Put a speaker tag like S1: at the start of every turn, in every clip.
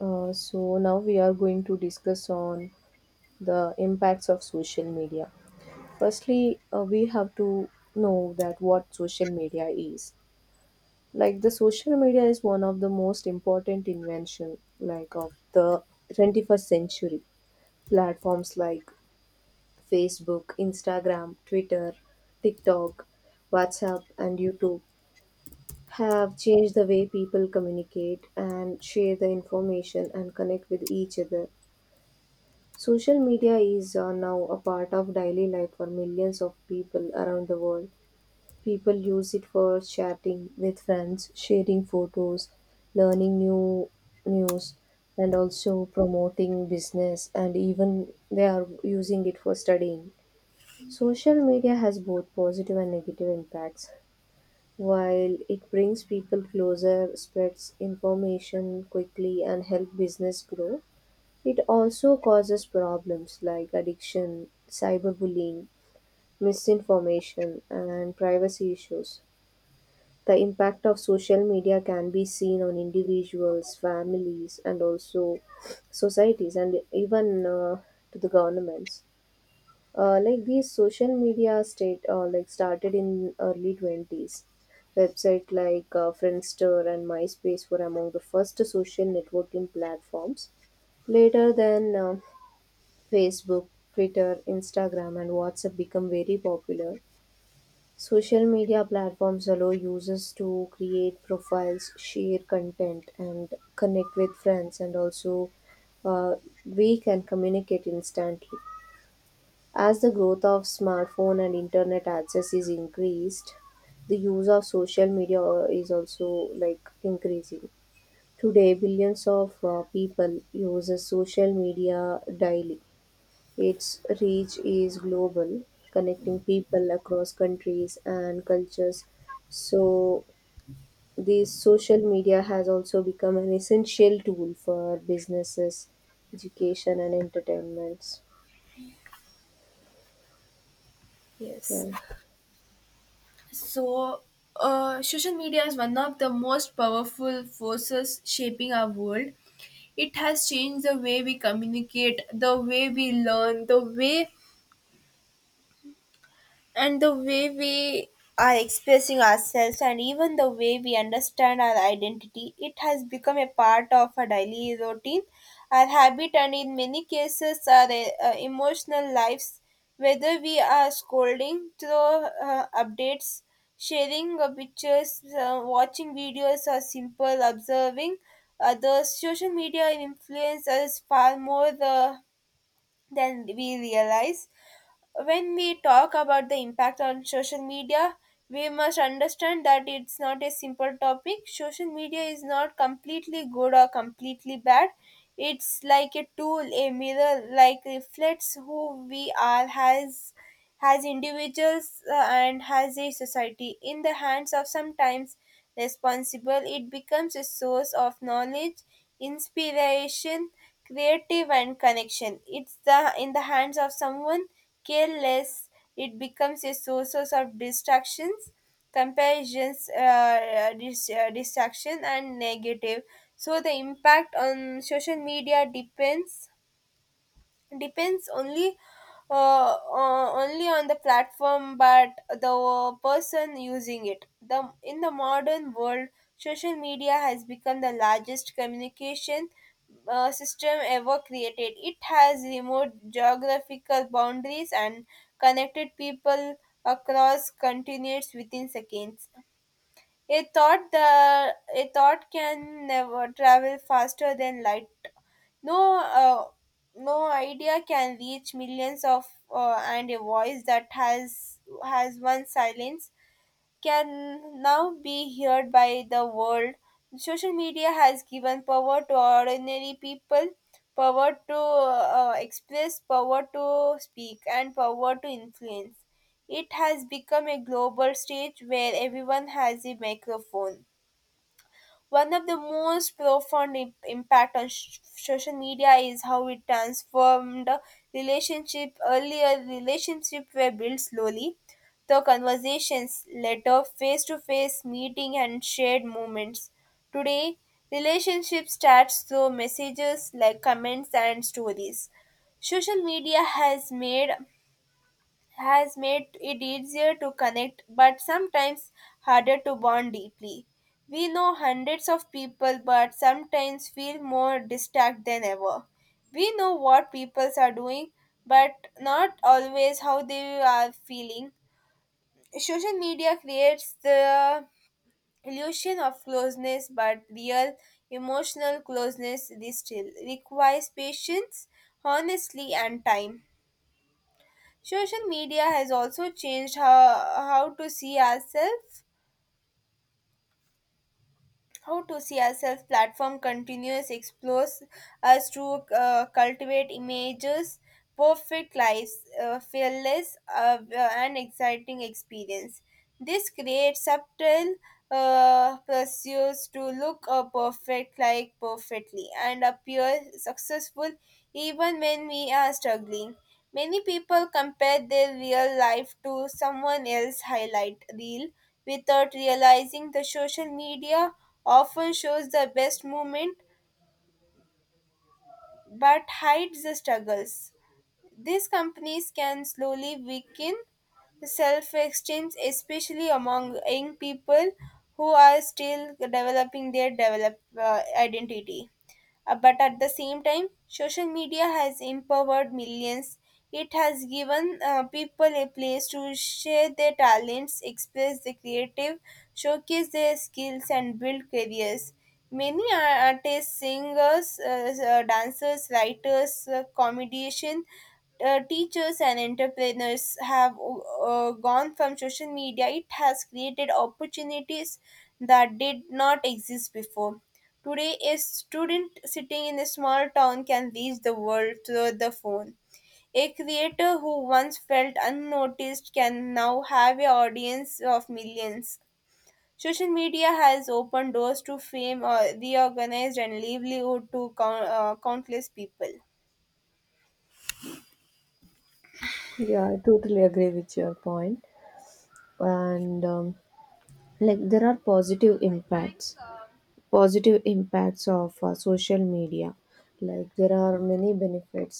S1: So now we are going to discuss on the impacts of social media. Firstly, we have to know that what social media is. Like the social media is one of the most important invention like of the 21st century. Platforms like Facebook, Instagram, Twitter, TikTok, WhatsApp and YouTube have changed the way people communicate and share the information and connect with each other. Social media is now a part of daily life for millions of people around the world. People use it for chatting with friends, sharing photos, learning new news, and also promoting business, and even they are using it for studying. Social media has both positive and negative impacts. While it brings people closer, spreads information quickly, and help business grow, it also causes problems like addiction, cyberbullying, misinformation, and privacy issues. The impact of social media can be seen on individuals, families, and also societies, and even to the governments. Like these social media state like started in early 20s. Website like Friendster and MySpace were among the first social networking platforms. Later, then Facebook, Twitter, Instagram, and WhatsApp become very popular. Social media platforms allow users to create profiles, share content, and connect with friends, and also uh, we can communicate instantly. As the growth of smartphone and internet access is increased, the use of social media is also like increasing. Today, billions of people uses social media daily, its reach is global, connecting people across countries and cultures. So, this social media has also become an essential tool for businesses, education, and entertainments.
S2: Yes.
S1: Yeah.
S2: So social media is one of the most powerful forces shaping our world. It has changed the way we communicate, the way we learn, the way and the way we are expressing ourselves, and even the way we understand our identity. It has become a part of our daily routine, our habit, and in many cases our emotional lives. Whether we are scrolling through updates, sharing pictures, watching videos, or simple observing others, social media influence us far more than we realize. When we talk about the impact on social media, we must understand that it's not a simple topic. Social media is not completely good or completely bad. It's like a tool, a mirror, like reflects who we are, has individuals and has a society. In the hands of sometimes responsible, it becomes a source of knowledge, inspiration, creative, and connection. It's the in the hands of someone careless, it becomes a source of distractions, comparisons, distraction, and negative. So the impact on social media depends only only on the platform but the person using it. The in the modern world, social media has become the largest communication system ever created. It has removed geographical boundaries and connected people across continents within seconds. A thought can never travel faster than light. No uh, no idea can reach millions of and a voice that has once silence can now be heard by the world. Social media has given power to ordinary people, power to express, power to speak, and power to influence. It has become a global stage where everyone has a microphone. One of the most profound impact on social media is how it transformed relationship. Earlier, relationship were built slowly through conversations, letter, face-to-face meeting, and shared moments. Today, relationship starts through messages like comments and stories. Social media has made it easier to connect but sometimes harder to bond deeply. We know hundreds of people but sometimes feel more distant than ever. We know what people are doing but not always how they are feeling. Social media creates the illusion of closeness, but real emotional closeness this still requires patience, honesty, and time. Social media has also changed how to see ourselves. How to see ourselves platform continues explores us to cultivate images, perfect lives, fearless and exciting experience. This creates subtle pursuits to look perfect, like perfectly, and appear successful even when we are struggling. Many people compare their real life to someone else's highlight reel without realizing the social media often shows the best moment but hides the struggles. These companies can slowly weaken self exchange, especially among young people who are still developing their identity. But at the same time, social media has empowered millions. It has given people a place to share their talents, express their creative, showcase their skills, and build careers. Many artists, singers, dancers, writers, comedian, teachers, and entrepreneurs have gone from social media. It has created opportunities that did not exist before. Today, a student sitting in a small town can reach the world through the phone. A creator who once felt unnoticed can now have an audience of millions. Social media has opened doors to fame, reorganized, and livelihood to countless people.
S1: Yeah, I totally agree with your point. And like there are positive impacts. Positive impacts of social media, like there are many benefits.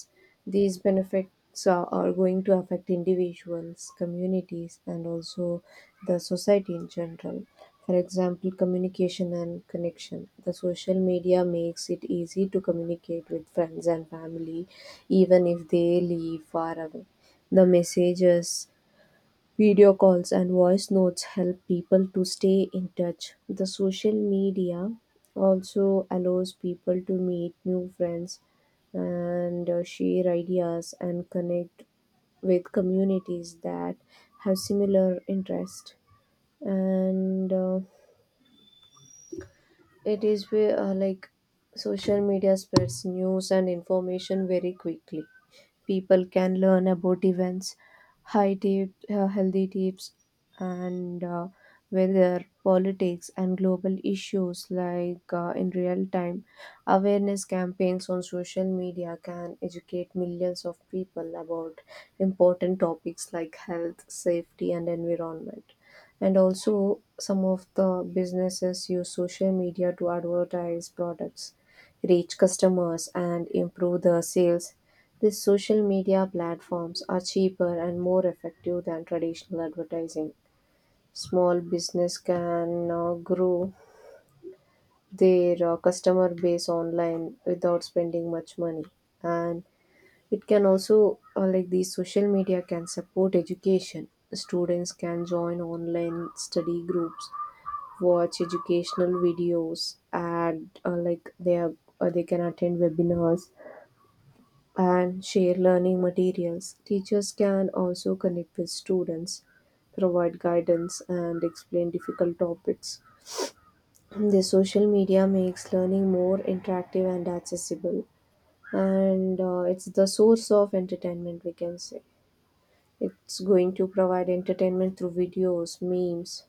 S1: These benefits are going to affect individuals, communities and also the society in general. For example, communication and connection, the social media makes it easy to communicate with friends and family even if they live far away. The messages, video calls and voice notes help people to stay in touch. The social media also allows people to meet new friends and share ideas and connect with communities that have similar interests. And it is where like social media spreads news and information very quickly. People can learn about events, healthy tips, and weather, politics, and global issues like in real time. Awareness campaigns on social media can educate millions of people about important topics like health, safety, and environment. And also, some of the businesses use social media to advertise products, reach customers, and improve the sales. These social media platforms are cheaper and more effective than traditional advertising. Small business can grow their customer base online without spending much money, and it can also like these social media can support education. Students can join online study groups, watch educational videos, and they can attend webinars and share learning materials. Teachers can also connect with students, provide guidance, and explain difficult topics. The social media makes learning more interactive and accessible, and it's the source of entertainment, we can say. It's going to provide entertainment through videos, memes,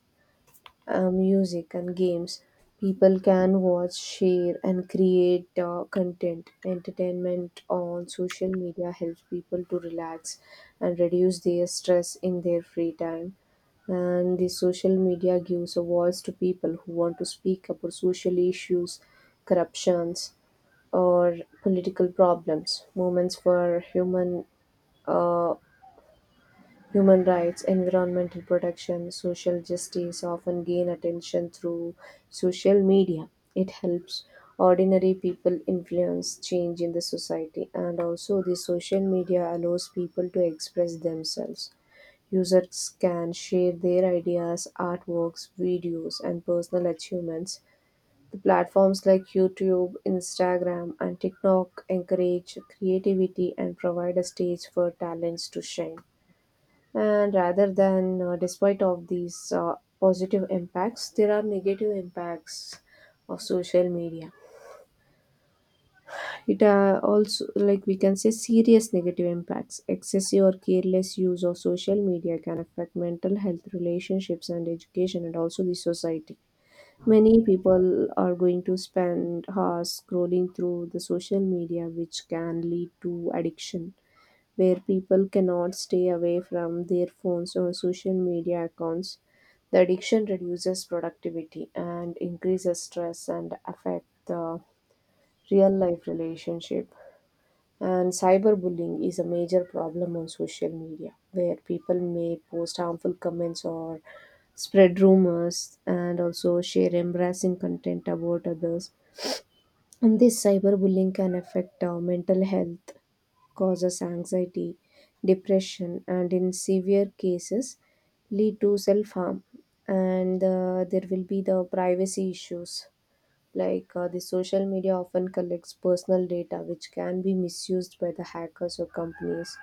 S1: music and games. People can watch, share and create content. Entertainment on social media helps people to relax and reduce their stress in their free time, and the social media gives a voice to people who want to speak about social issues, corruptions or political problems. Moments for uh, human rights, environmental protection, social justice often gain attention through social media. It helps ordinary people influence change in the society, and also the social media allows people to express themselves. Users can share their ideas, artworks, videos, and personal achievements. The platforms like YouTube, Instagram, and TikTok encourage creativity and provide a stage for talents to shine. And rather than despite of these positive impacts, there are negative impacts of social media. It also, like we can say, serious negative impacts. Excessive or careless use of social media can affect mental health, relationships and education, and also the society. Many people are going to spend hours scrolling through the social media, which can lead to addiction where people cannot stay away from their phones or social media accounts. The addiction reduces productivity and increases stress and affect the real life relationship. And cyberbullying is a major problem on social media, where people may post harmful comments or spread rumors and also share embarrassing content about others. And this cyberbullying can affect mental health, causes anxiety, depression, and in severe cases, lead to self harm. And there will be the privacy issues, like the social media often collects personal data which can be misused by the hackers or companies.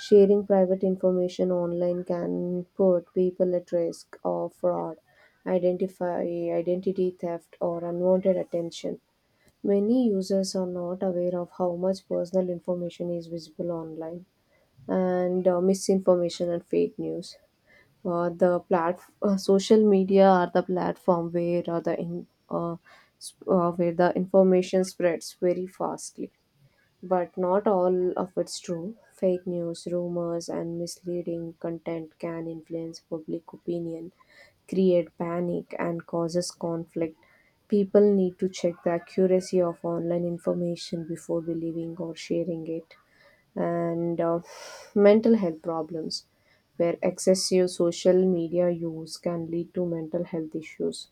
S1: Sharing private information online can put people at risk of fraud, identify identity theft, or unwanted attention. Many users are not aware of how much personal information is visible online, and misinformation and fake news. Social media are the platform where where the information spreads very fastly, but not all of it's true. Fake news, rumors, and misleading content can influence public opinion, create panic, and causes conflict. People need to check the accuracy of online information before believing or sharing it, and mental health problems, where excessive social media use can lead to mental health issues.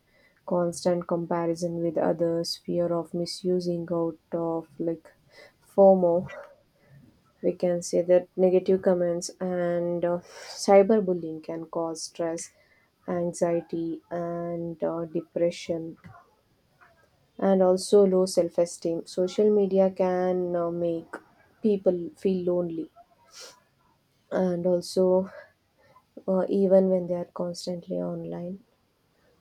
S1: Constant comparison with others, fear of misusing out, of like FOMO, we can say, that negative comments and cyberbullying can cause stress, anxiety, and depression, and also low self esteem. Social media can make people feel lonely and also even when they are constantly online.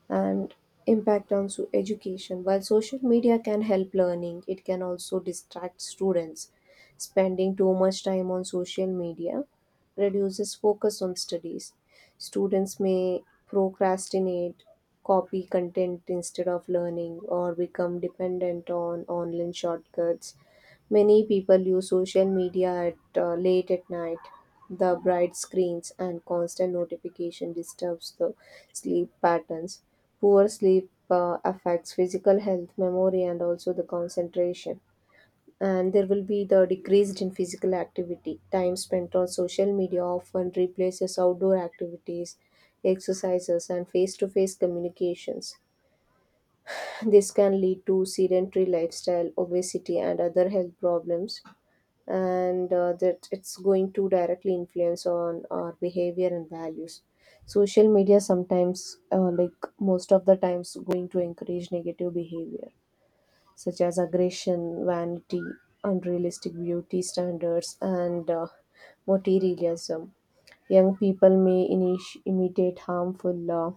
S1: And impact on so education. While social media can help learning, it can also distract students. Spending too much time on social media reduces focus on studies. Students may procrastinate, copy content instead of learning, or become dependent on online shortcuts. Many people use social media at late at night. The bright screens and constant notification disturbs the sleep patterns. Poor sleep affects physical health, memory, and also the concentration. And there will be the decreased in physical activity. Time spent on social media often replaces outdoor activities, exercises, and face to face communications. This can lead to sedentary lifestyle, obesity, and other health problems. And that it's going to directly influence on our behavior and values. Social media sometimes like most of the times going to encourage negative behavior such as aggression, vanity, unrealistic beauty standards and materialism. Young people may imitate harmful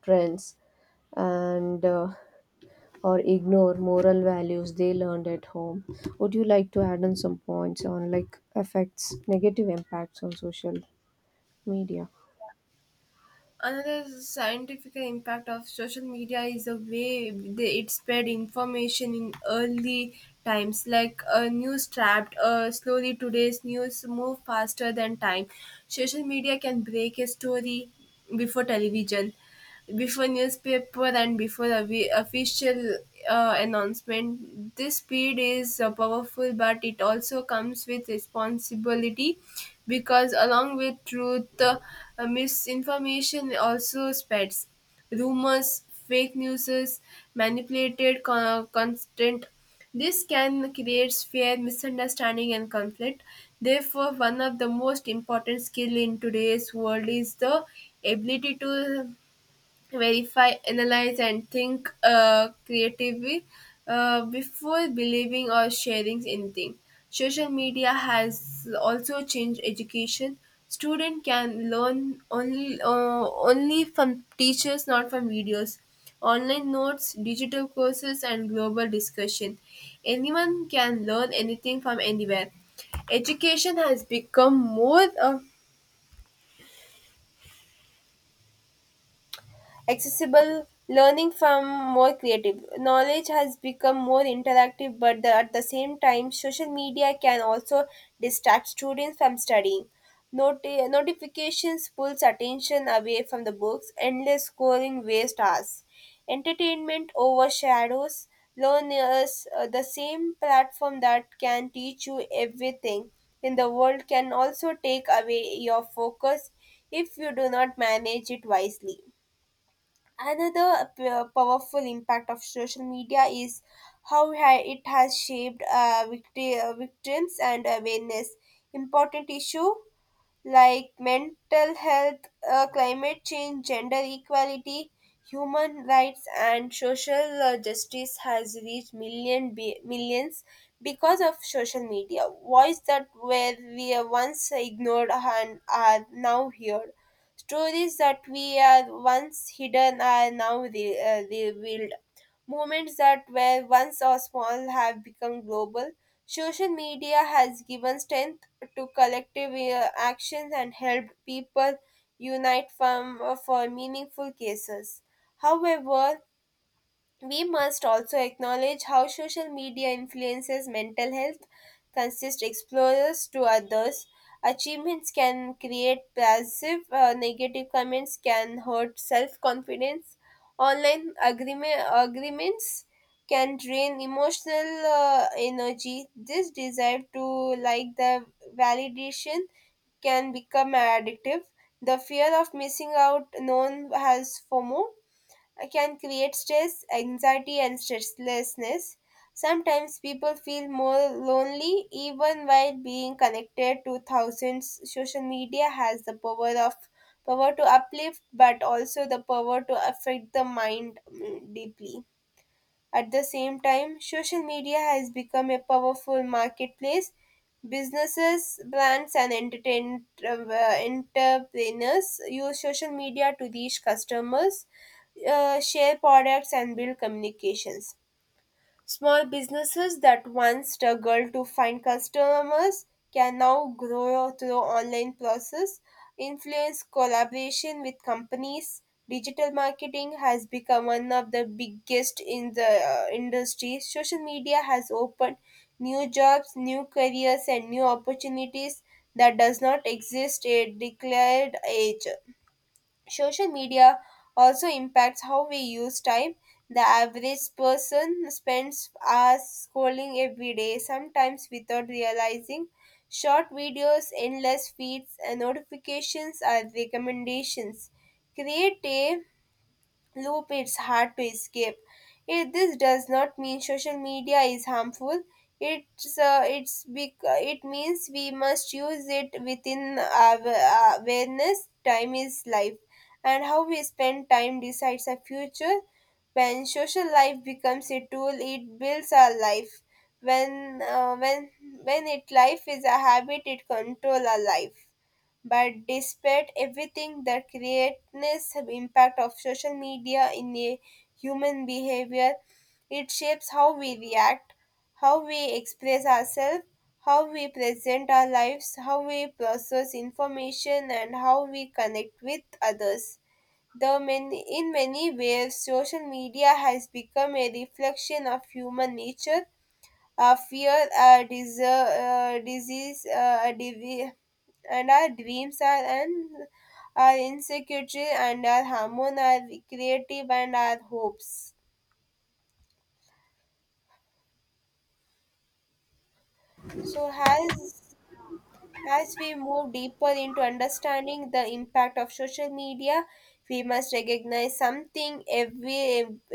S1: trends, and or ignore moral values they learned at home. Would you like to add on some points on like effects, negative impacts on social media?
S2: Another scientific impact of social media is the way they, it spread information in early times, like a news trapped slowly. Today's news move faster than time. Social media can break a story before television. Before newspaper and before the official announcement, this speed is powerful, but it also comes with responsibility because, along with truth, misinformation also spreads. Rumors, fake news, manipulated content, this can create fear, misunderstanding, and conflict. Therefore, one of the most important skill in today's world is the ability to verify, analyze, and think creatively before believing or sharing anything. Social media has also changed education. Student can learn only only from teachers, not from videos. Online notes, digital courses, and global discussion. Anyone can learn anything from anywhere. Education has become more of accessible learning from more creative knowledge. Has become more interactive but the, at the same time social media can also distract students from studying. Noti- notifications pulls attention away from the books, endless scrolling waste hours, entertainment overshadows learners. Uh, the same platform that can teach you everything in the world can also take away your focus if you do not manage it wisely. Another powerful impact of social media is how it has shaped victims and awareness. Important issue like mental health, climate change, gender equality, human rights, and social justice has reached millions because of social media. Voices that were we once ignored and are now heard. Stories that we are once hidden are now revealed. Movements that were once so small have become global. Social media has given strength to collective actions and helped people unite for meaningful cases. However, we must also acknowledge how social media influences mental health, consist explorers to others. Achievements can create passive, negative comments can hurt self confidence. Online agreement, agreements can drain emotional energy. This desire to like the validation can become addictive. The fear of missing out known as FOMO can create stress, anxiety, and stresslessness. Sometimes people feel more lonely even while being connected to thousands. Social media has the power to uplift but also the power to affect the mind deeply. At the same time, social media has become a powerful marketplace. Businesses, brands, and entrepreneurs use social media to reach customers, share products, and build communications. Small businesses that once struggled to find customers can now grow through online process, influence collaboration with companies. Digital marketing has become one of the biggest in the industry. Social media has opened new jobs, new careers, and new opportunities that does not exist at declared age. Social media also impacts how we use time. The average person spends hours scrolling every day, sometimes without realizing. Short videos, endless feeds, and notifications are recommendations. Create a loop it's hard to escape. It, this does not mean social media is harmful. It means we must use it within our awareness. Time is life, and how we spend time decides our future. When social life becomes a tool, it builds our life. When uh, when when it life is a habit, it control our life. But despite everything, the creatinous impact of social media in a human behavior, it shapes how we react, how we express ourselves, how we present our lives, how we process information, and how we connect with others. In many ways, social media has become a reflection of human nature, a fear, a desire, a disease, and our dreams are and our insecurity and our hormone are creative and our hopes. So as we move deeper into understanding the impact of social media, we must recognize something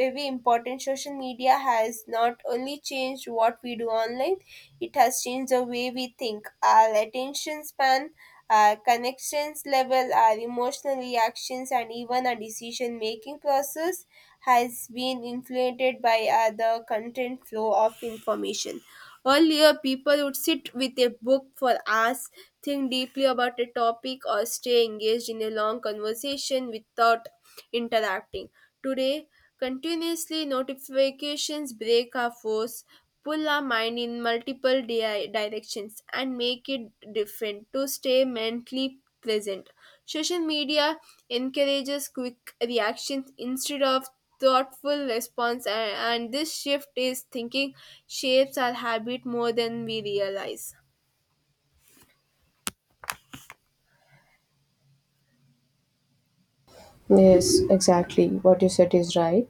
S2: every important. Social media has not only changed what we do online, it has changed the way we think, our attention span, our connections level, our emotional reactions, and even our decision making process has been influenced by the content flow of information. Earlier, people would sit with a book for hours, think deeply about a topic, or stay engaged in a long conversation without interacting. Today, continuously notifications break our force, pull our mind in multiple directions, and make it different to stay mentally pleasant. Social media encourages quick reactions instead of thoughtful response and this shift is thinking shapes our habit more than we realize.
S1: Yes, exactly. What you said is right.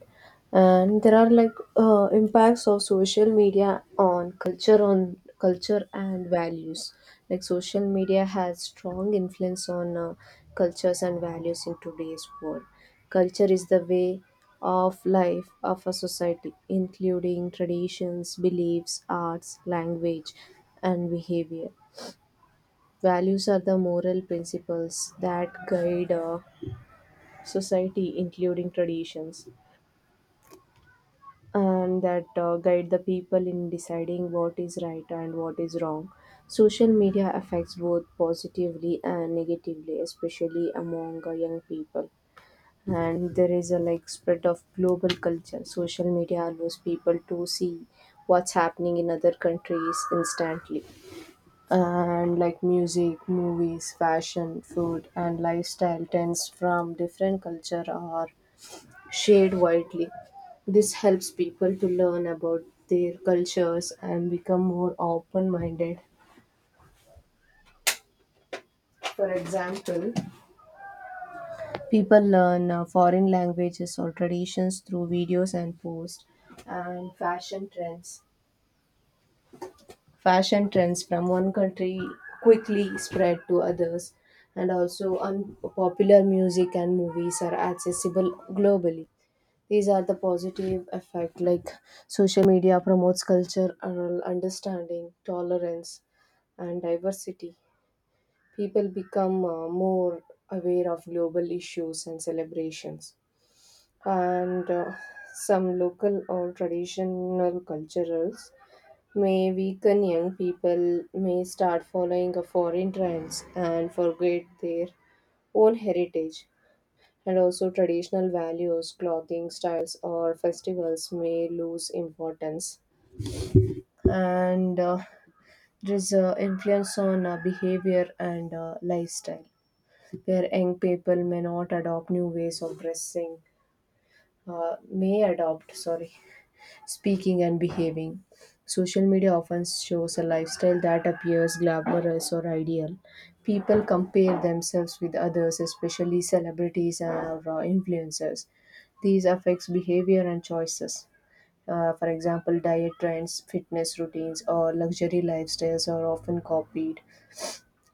S1: And there are like impacts of social media on culture and values. Like social media has strong influence on cultures and values in today's world. Culture is the way of life of a society, including traditions, beliefs, arts, language, and behavior. Values are the moral principles that guide society, including traditions, and that guide the people in deciding what is right and what is wrong. Social media affects both positively and negatively, especially among young people. And there is a like spread of global culture. Social media allows people to see what's happening in other countries instantly. And like music, movies, fashion, food, and lifestyle trends from different culture are shared widely. This helps people to learn about their cultures and become more open minded. For example, people learn foreign languages or traditions through videos and posts and fashion trends. Fashion trends from one country quickly spread to others, and also unpopular music and movies are accessible globally. These are the positive effect, like social media promotes cultural understanding, tolerance and diversity. People become more aware of global issues and celebrations. And some local or traditional cultures may weaken. Young people may start following a foreign trends and forget their own heritage, and also, traditional values, clothing styles, or festivals may lose importance. And there's influence on behavior and lifestyle, where young people may not adopt new ways of dressing, may adopt, sorry, speaking, and behaving. Social media often shows a lifestyle that appears glamorous or ideal. People compare themselves with others, especially celebrities or influencers. These affects behavior and choices. For example, diet trends, fitness routines, or luxury lifestyles are often copied,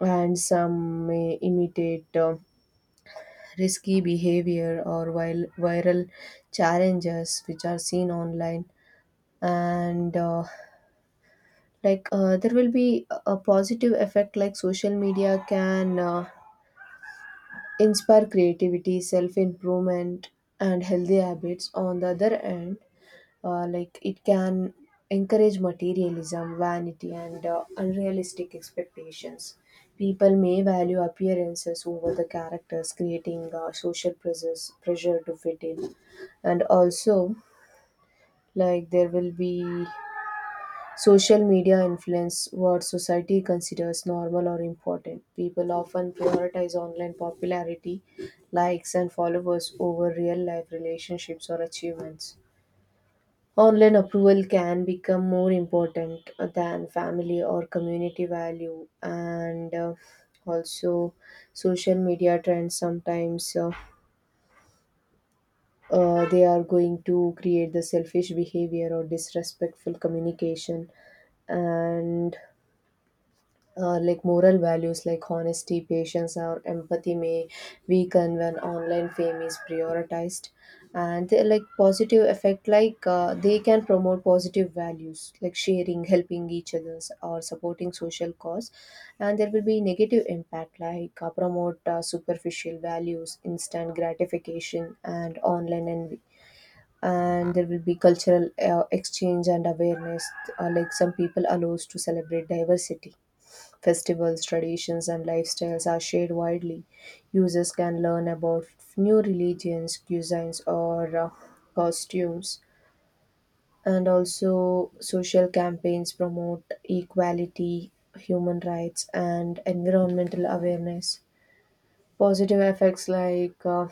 S1: and some may imitate risky behavior or viral challenges which are seen online. And there will be a positive effect like social media can inspire creativity, self improvement, and healthy habits. On the other end, like it can encourage materialism, vanity, and unrealistic expectations. People may value appearances over the characters, creating social pressure to fit in. And also, like there will be social media influence what society considers normal or important. People often prioritize online popularity, likes, and followers over real life relationships or achievements. Online approval can become more important than family or community value, and also social media trends sometimes. They are going to create the selfish behavior or disrespectful communication. And like moral values like honesty, patience, or empathy may weaken when online fame is prioritized. And they like positive effect, like they can promote positive values like sharing, helping each others, or supporting social cause. And there will be negative impact like promote superficial values, instant gratification, and online envy. And there will be cultural exchange and awareness. Like some people allows to celebrate diversity. Festivals, traditions, and lifestyles are shared widely. Users can learn about new religions, cuisines, or costumes. And also, social campaigns promote equality, human rights, and environmental awareness. Positive effects like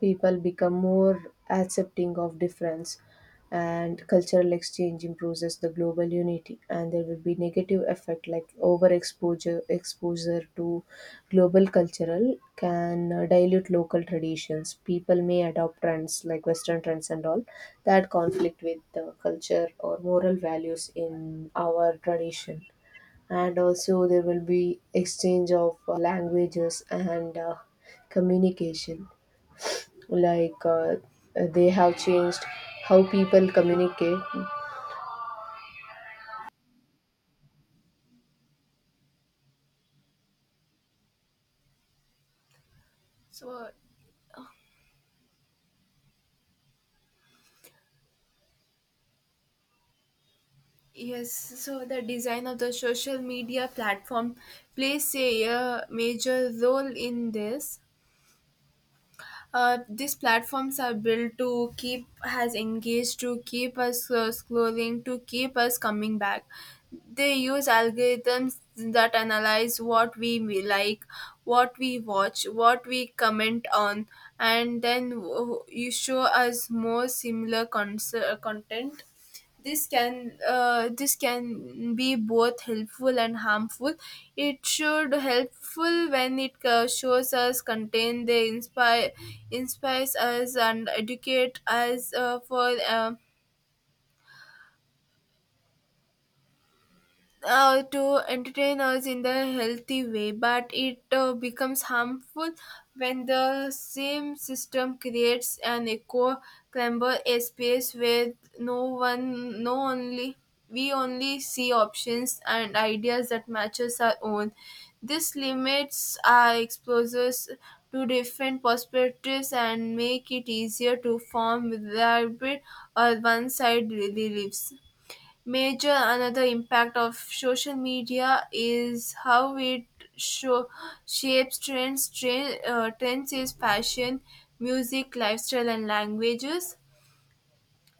S1: people become more accepting of difference, and cultural exchange improves the global unity. And there will be negative effect like overexposure exposure to global cultural can dilute local traditions. People may adopt trends like western trends and all that conflict with the culture or moral values in our tradition. And also, there will be exchange of languages and communication. like uh, they have changed how people communicate.
S2: So yes, so the design of the social media platform plays a major role in this. These platforms are built to keep us engaged, to keep us scrolling, to keep us coming back. They use algorithms that analyze what we like, what we watch, what we comment on, and then you show us more similar content. This can this can be both helpful and harmful. It should helpful when it shows us contain they inspires us and educate us for to entertain us in the healthy way, but it becomes harmful when the same system creates an echo chamber, a space where no one, no only we only see options and ideas that matches our own. This limits our exposures to different perspectives and make it easier to form elaborate or one-sided beliefs. Major another impact of social media is how it show, shapes trends. Trends is fashion, music, lifestyle, and languages,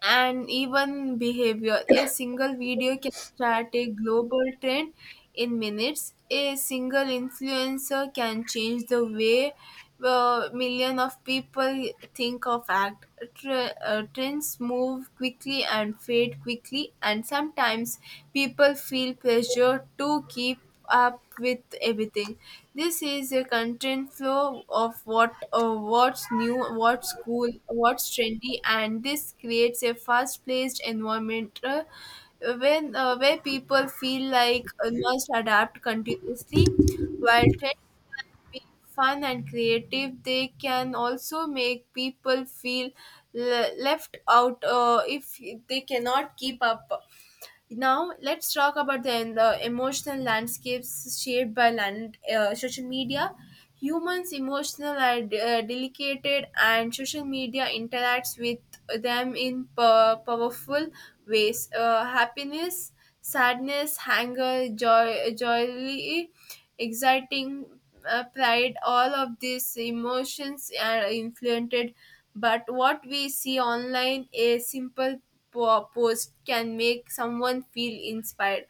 S2: and even behavior. A single video can start a global trend in minutes. A single influencer can change the way million of people think of act. Tre- trends move quickly and fade quickly, and sometimes people feel pressure to keep up with everything. This is a content flow of what's new, what's cool, what's trendy, and this creates a fast-paced environment when where people feel like must adapt continuously. While trends be fun and creative, they can also make people feel left out if they cannot keep up. Now let's talk about the emotional landscapes shaped by social media. Humans' emotional are delicate, and social media interacts with them in powerful ways. Happiness, sadness, anger, joy, exciting pride, all of these emotions are influenced but what we see online. A simple post can make someone feel inspired,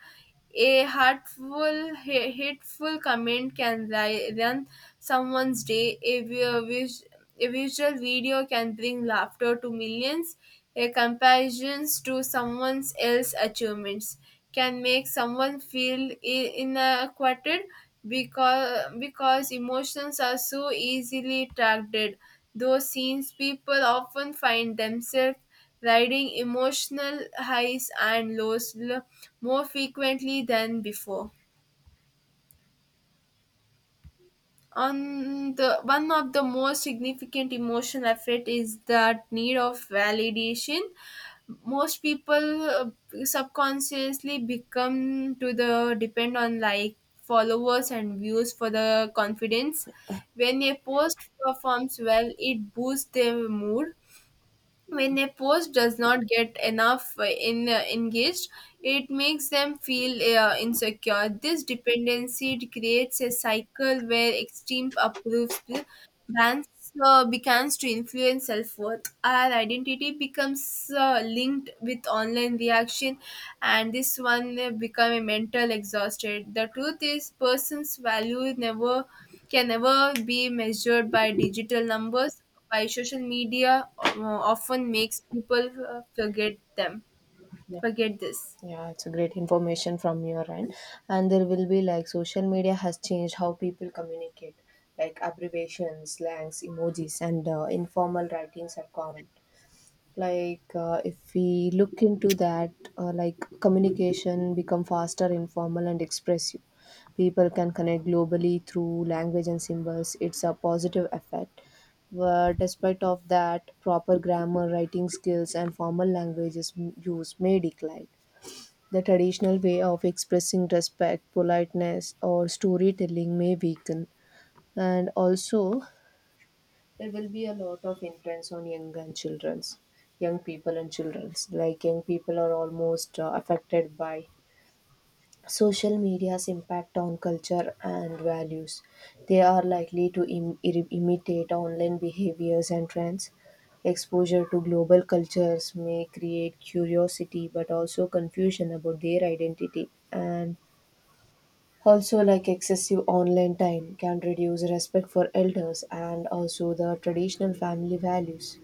S2: a hateful comment can run someone's day, a visual video can bring laughter to millions, a comparisons to someone else's achievements can make someone feel inadequate, because emotions are so easily tracked. Those scenes, people often find themselves riding emotional highs and lows more frequently than before. On the One of the most significant emotional effect is that need of validation. Most people subconsciously become to the depend on like followers and views for the confidence. When a post performs well it boosts their mood. When a post does not get enough in engaged, it makes them feel insecure. This dependency creates a cycle where extreme approves brands begins to influence self-worth. Our identity becomes linked with online reaction, and this one become a mental exhausted. The truth is person's value never can never be measured by digital numbers. By social media often makes people forget them,
S1: Yeah.
S2: forget this.
S1: Yeah, it's a great information from your end. And there will be like social media has changed how people communicate, like abbreviations, slangs, emojis, and informal writings are common. If we look into that, like communication become faster, informal, and expressive. People can connect globally through language and symbols. It's a positive effect, but despite of that, proper grammar, writing skills, and formal languages m- use may decline. The traditional way of expressing respect, politeness, or storytelling may weaken. And also, there will be a lot of influence on young and children's, young people and children's. Like young people are almost affected by social media's impact on culture and values. They are likely to imitate online behaviors and trends. Exposure to global cultures may create curiosity but also confusion about their identity. And also, like excessive online time can reduce respect for elders and also the traditional family values.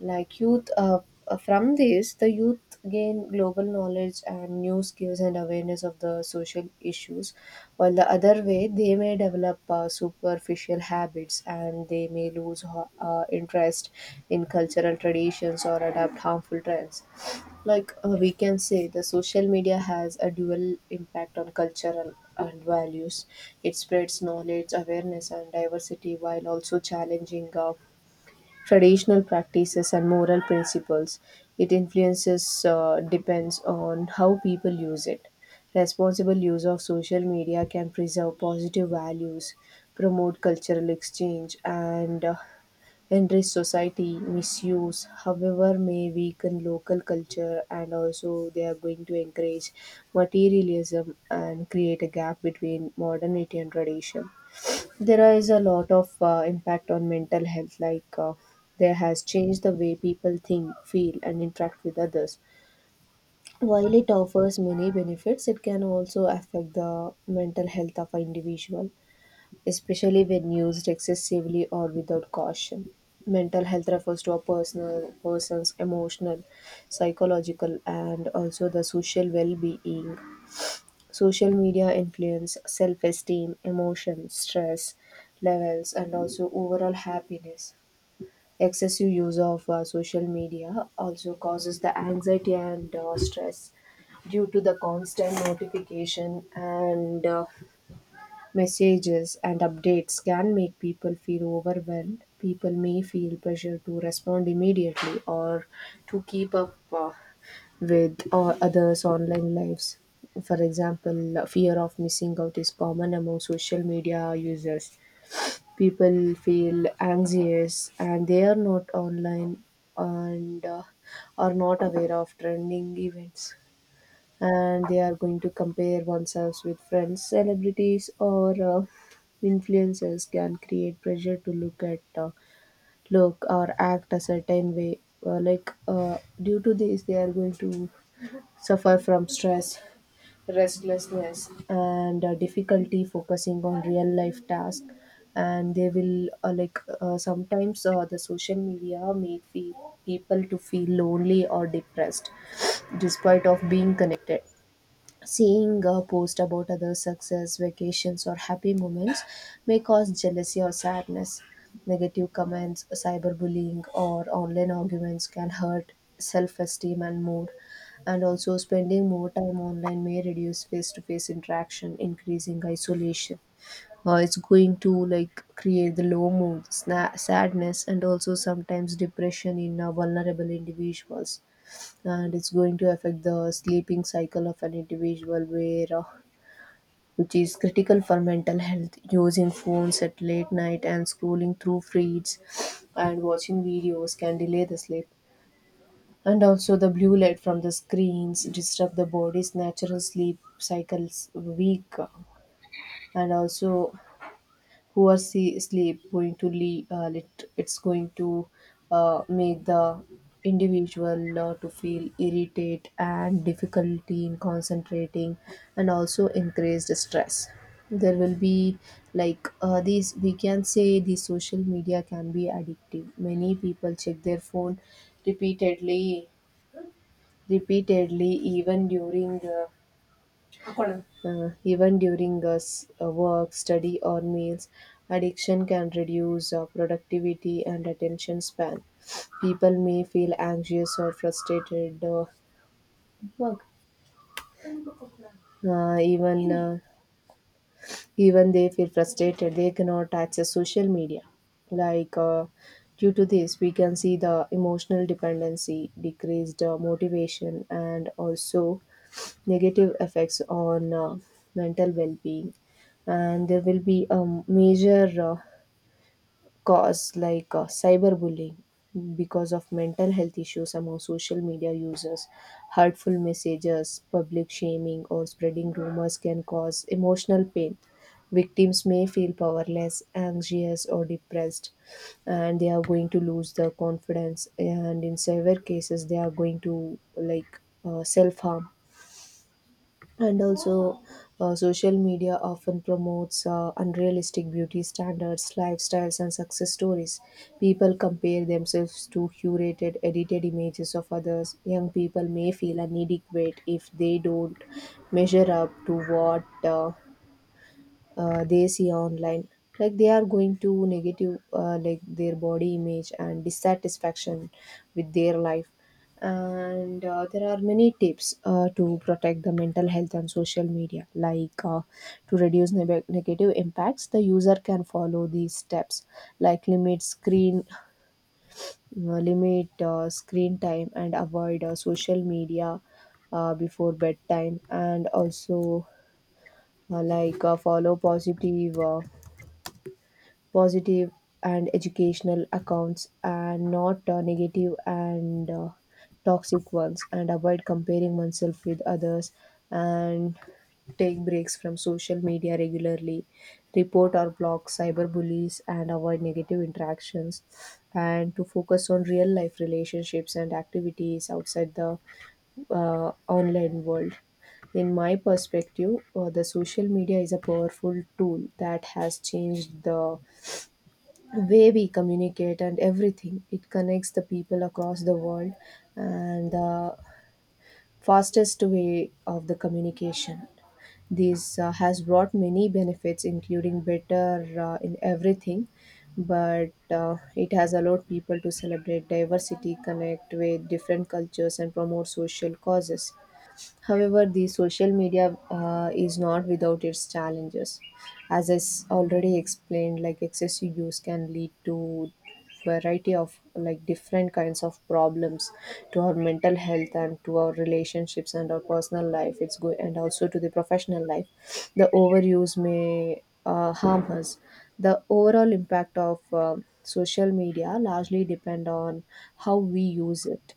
S1: Like youth uh, uh, from this the youth gain global knowledge and new skills and awareness of the social issues, while the other way they may develop superficial habits and they may lose interest in cultural traditions or adapt harmful trends. We can say the social media has a dual impact on cultural and values. It spreads knowledge, awareness, and diversity while also challenging traditional practices and moral principles. It influences depends on how people use it. Responsible use of social media can preserve positive values, promote cultural exchange, and enrich society. Misuse, however, may weaken local culture, and also they are going to encourage materialism and create a gap between modernity and tradition. There is a lot of impact on mental health, there has changed the way people think, feel, and interact with others. While it offers many benefits, it can also affect the mental health of an individual, especially when used excessively or without caution. Mental health refers to a personal person's emotional, psychological, and also the social well-being. Social media influence self esteem, emotion, stress levels, and also overall happiness. Excessive use of social media also causes the anxiety and stress due to the constant notification and messages and updates can make people feel overwhelmed. People may feel pressure to respond immediately or to keep up with others' online lives. For example, fear of missing out is common among social media users. People feel anxious and they are not online and are not aware of trending events, and they are going to compare oneself with friends, celebrities, or influencers can create pressure to look at look or act a certain way. Due to this, they are going to suffer from stress, restlessness, and difficulty focusing on real life tasks. And they will sometimes the social media people to feel lonely or depressed despite of being connected. Seeing a post about others' success, vacations, or happy moments may cause jealousy or sadness. Negative comments, cyberbullying, or online arguments can hurt self esteem and mood. And also, spending more time online may reduce face to face interaction, increasing isolation. It's going to like create the low mood, sadness, and also sometimes depression in vulnerable individuals. And it's going to affect the sleeping cycle of an individual where which is critical for mental health. Using phones at late night and scrolling through feeds and watching videos can delay the sleep. And also, the blue light from the screens disrupt the body's natural sleep cycles weak. And also, who are see sleep going to lead, it's going to make the individual to feel irritate and difficulty in concentrating, and also increased stress. There will be these we can say the social media can be addictive. Many people check their phone repeatedly repeatedly even during ಹಾಕೊಳ್ಳೋಣ. Even during work, study, or meals, addiction can reduce productivity and attention span. People may feel anxious or frustrated. Work. Uh, even uh, Even they feel frustrated. They cannot access social media. Like uh, Due to this, we can see the emotional dependency, decreased motivation, and also negative effects on mental well-being. And there will be a major cause like cyberbullying because of mental health issues among social media users. Hurtful messages, public shaming, or spreading rumors can cause emotional pain. Victims may feel powerless, anxious, or depressed, and they are going to lose their confidence, and in severe cases they are going to like self harm. And also, social media often promotes unrealistic beauty standards, lifestyles, and success stories. People compare themselves to curated, edited images of others. Young people may feel inadequate if they don't measure up to what they see online. Like they are going to negative like their body image and dissatisfaction with their life. And there are many tips to protect the mental health and social media, to reduce negative impacts the user can follow these steps, like limit screen time and avoid social media before bedtime. And also, follow positive and educational accounts, and not negative and toxic ones, and avoid comparing oneself with others, and take breaks from social media regularly, report or block cyberbullies and avoid negative interactions, and to focus on real life relationships and activities outside the online world. In my perspective, the social media is a powerful tool that has changed the way we communicate and everything. It connects the people across the world and the fastest way of the communication. This has brought many benefits including better in everything, but it has allowed people to celebrate diversity, connect with different cultures, and promote social causes. However, the social media is not without its challenges. As I already explained, like excessive use can lead to variety of like different kinds of problems to our mental health and to our relationships and our personal life. It's good, and also to the professional life. The overuse may harm us. The overall impact of social media largely depend on how we use it,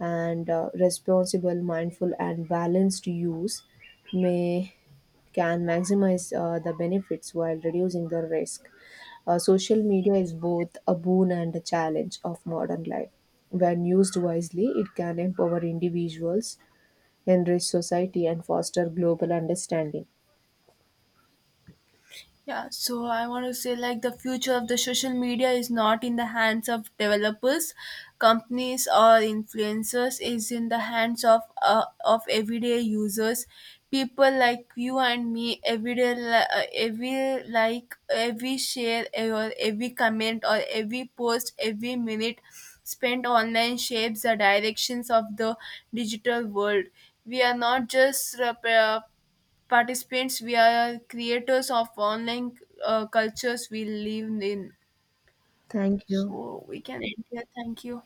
S1: and responsible, mindful, and balanced use may can maximize the benefits while reducing the risk. Social media is both a boon and a challenge of modern life. When used wisely, it can empower individuals, enrich society, and foster global understanding.
S2: Yeah, so I want to say like the future of the social media is not in the hands of developers, companies, or influencers, is in the hands of everyday users, people like you and me. Every like every share, or every comment, or every post, every minute spent online shapes the directions of the digital world. We are not just participants, we are creators of online cultures we live in.
S1: Thank you.
S2: So we can end here, thank you.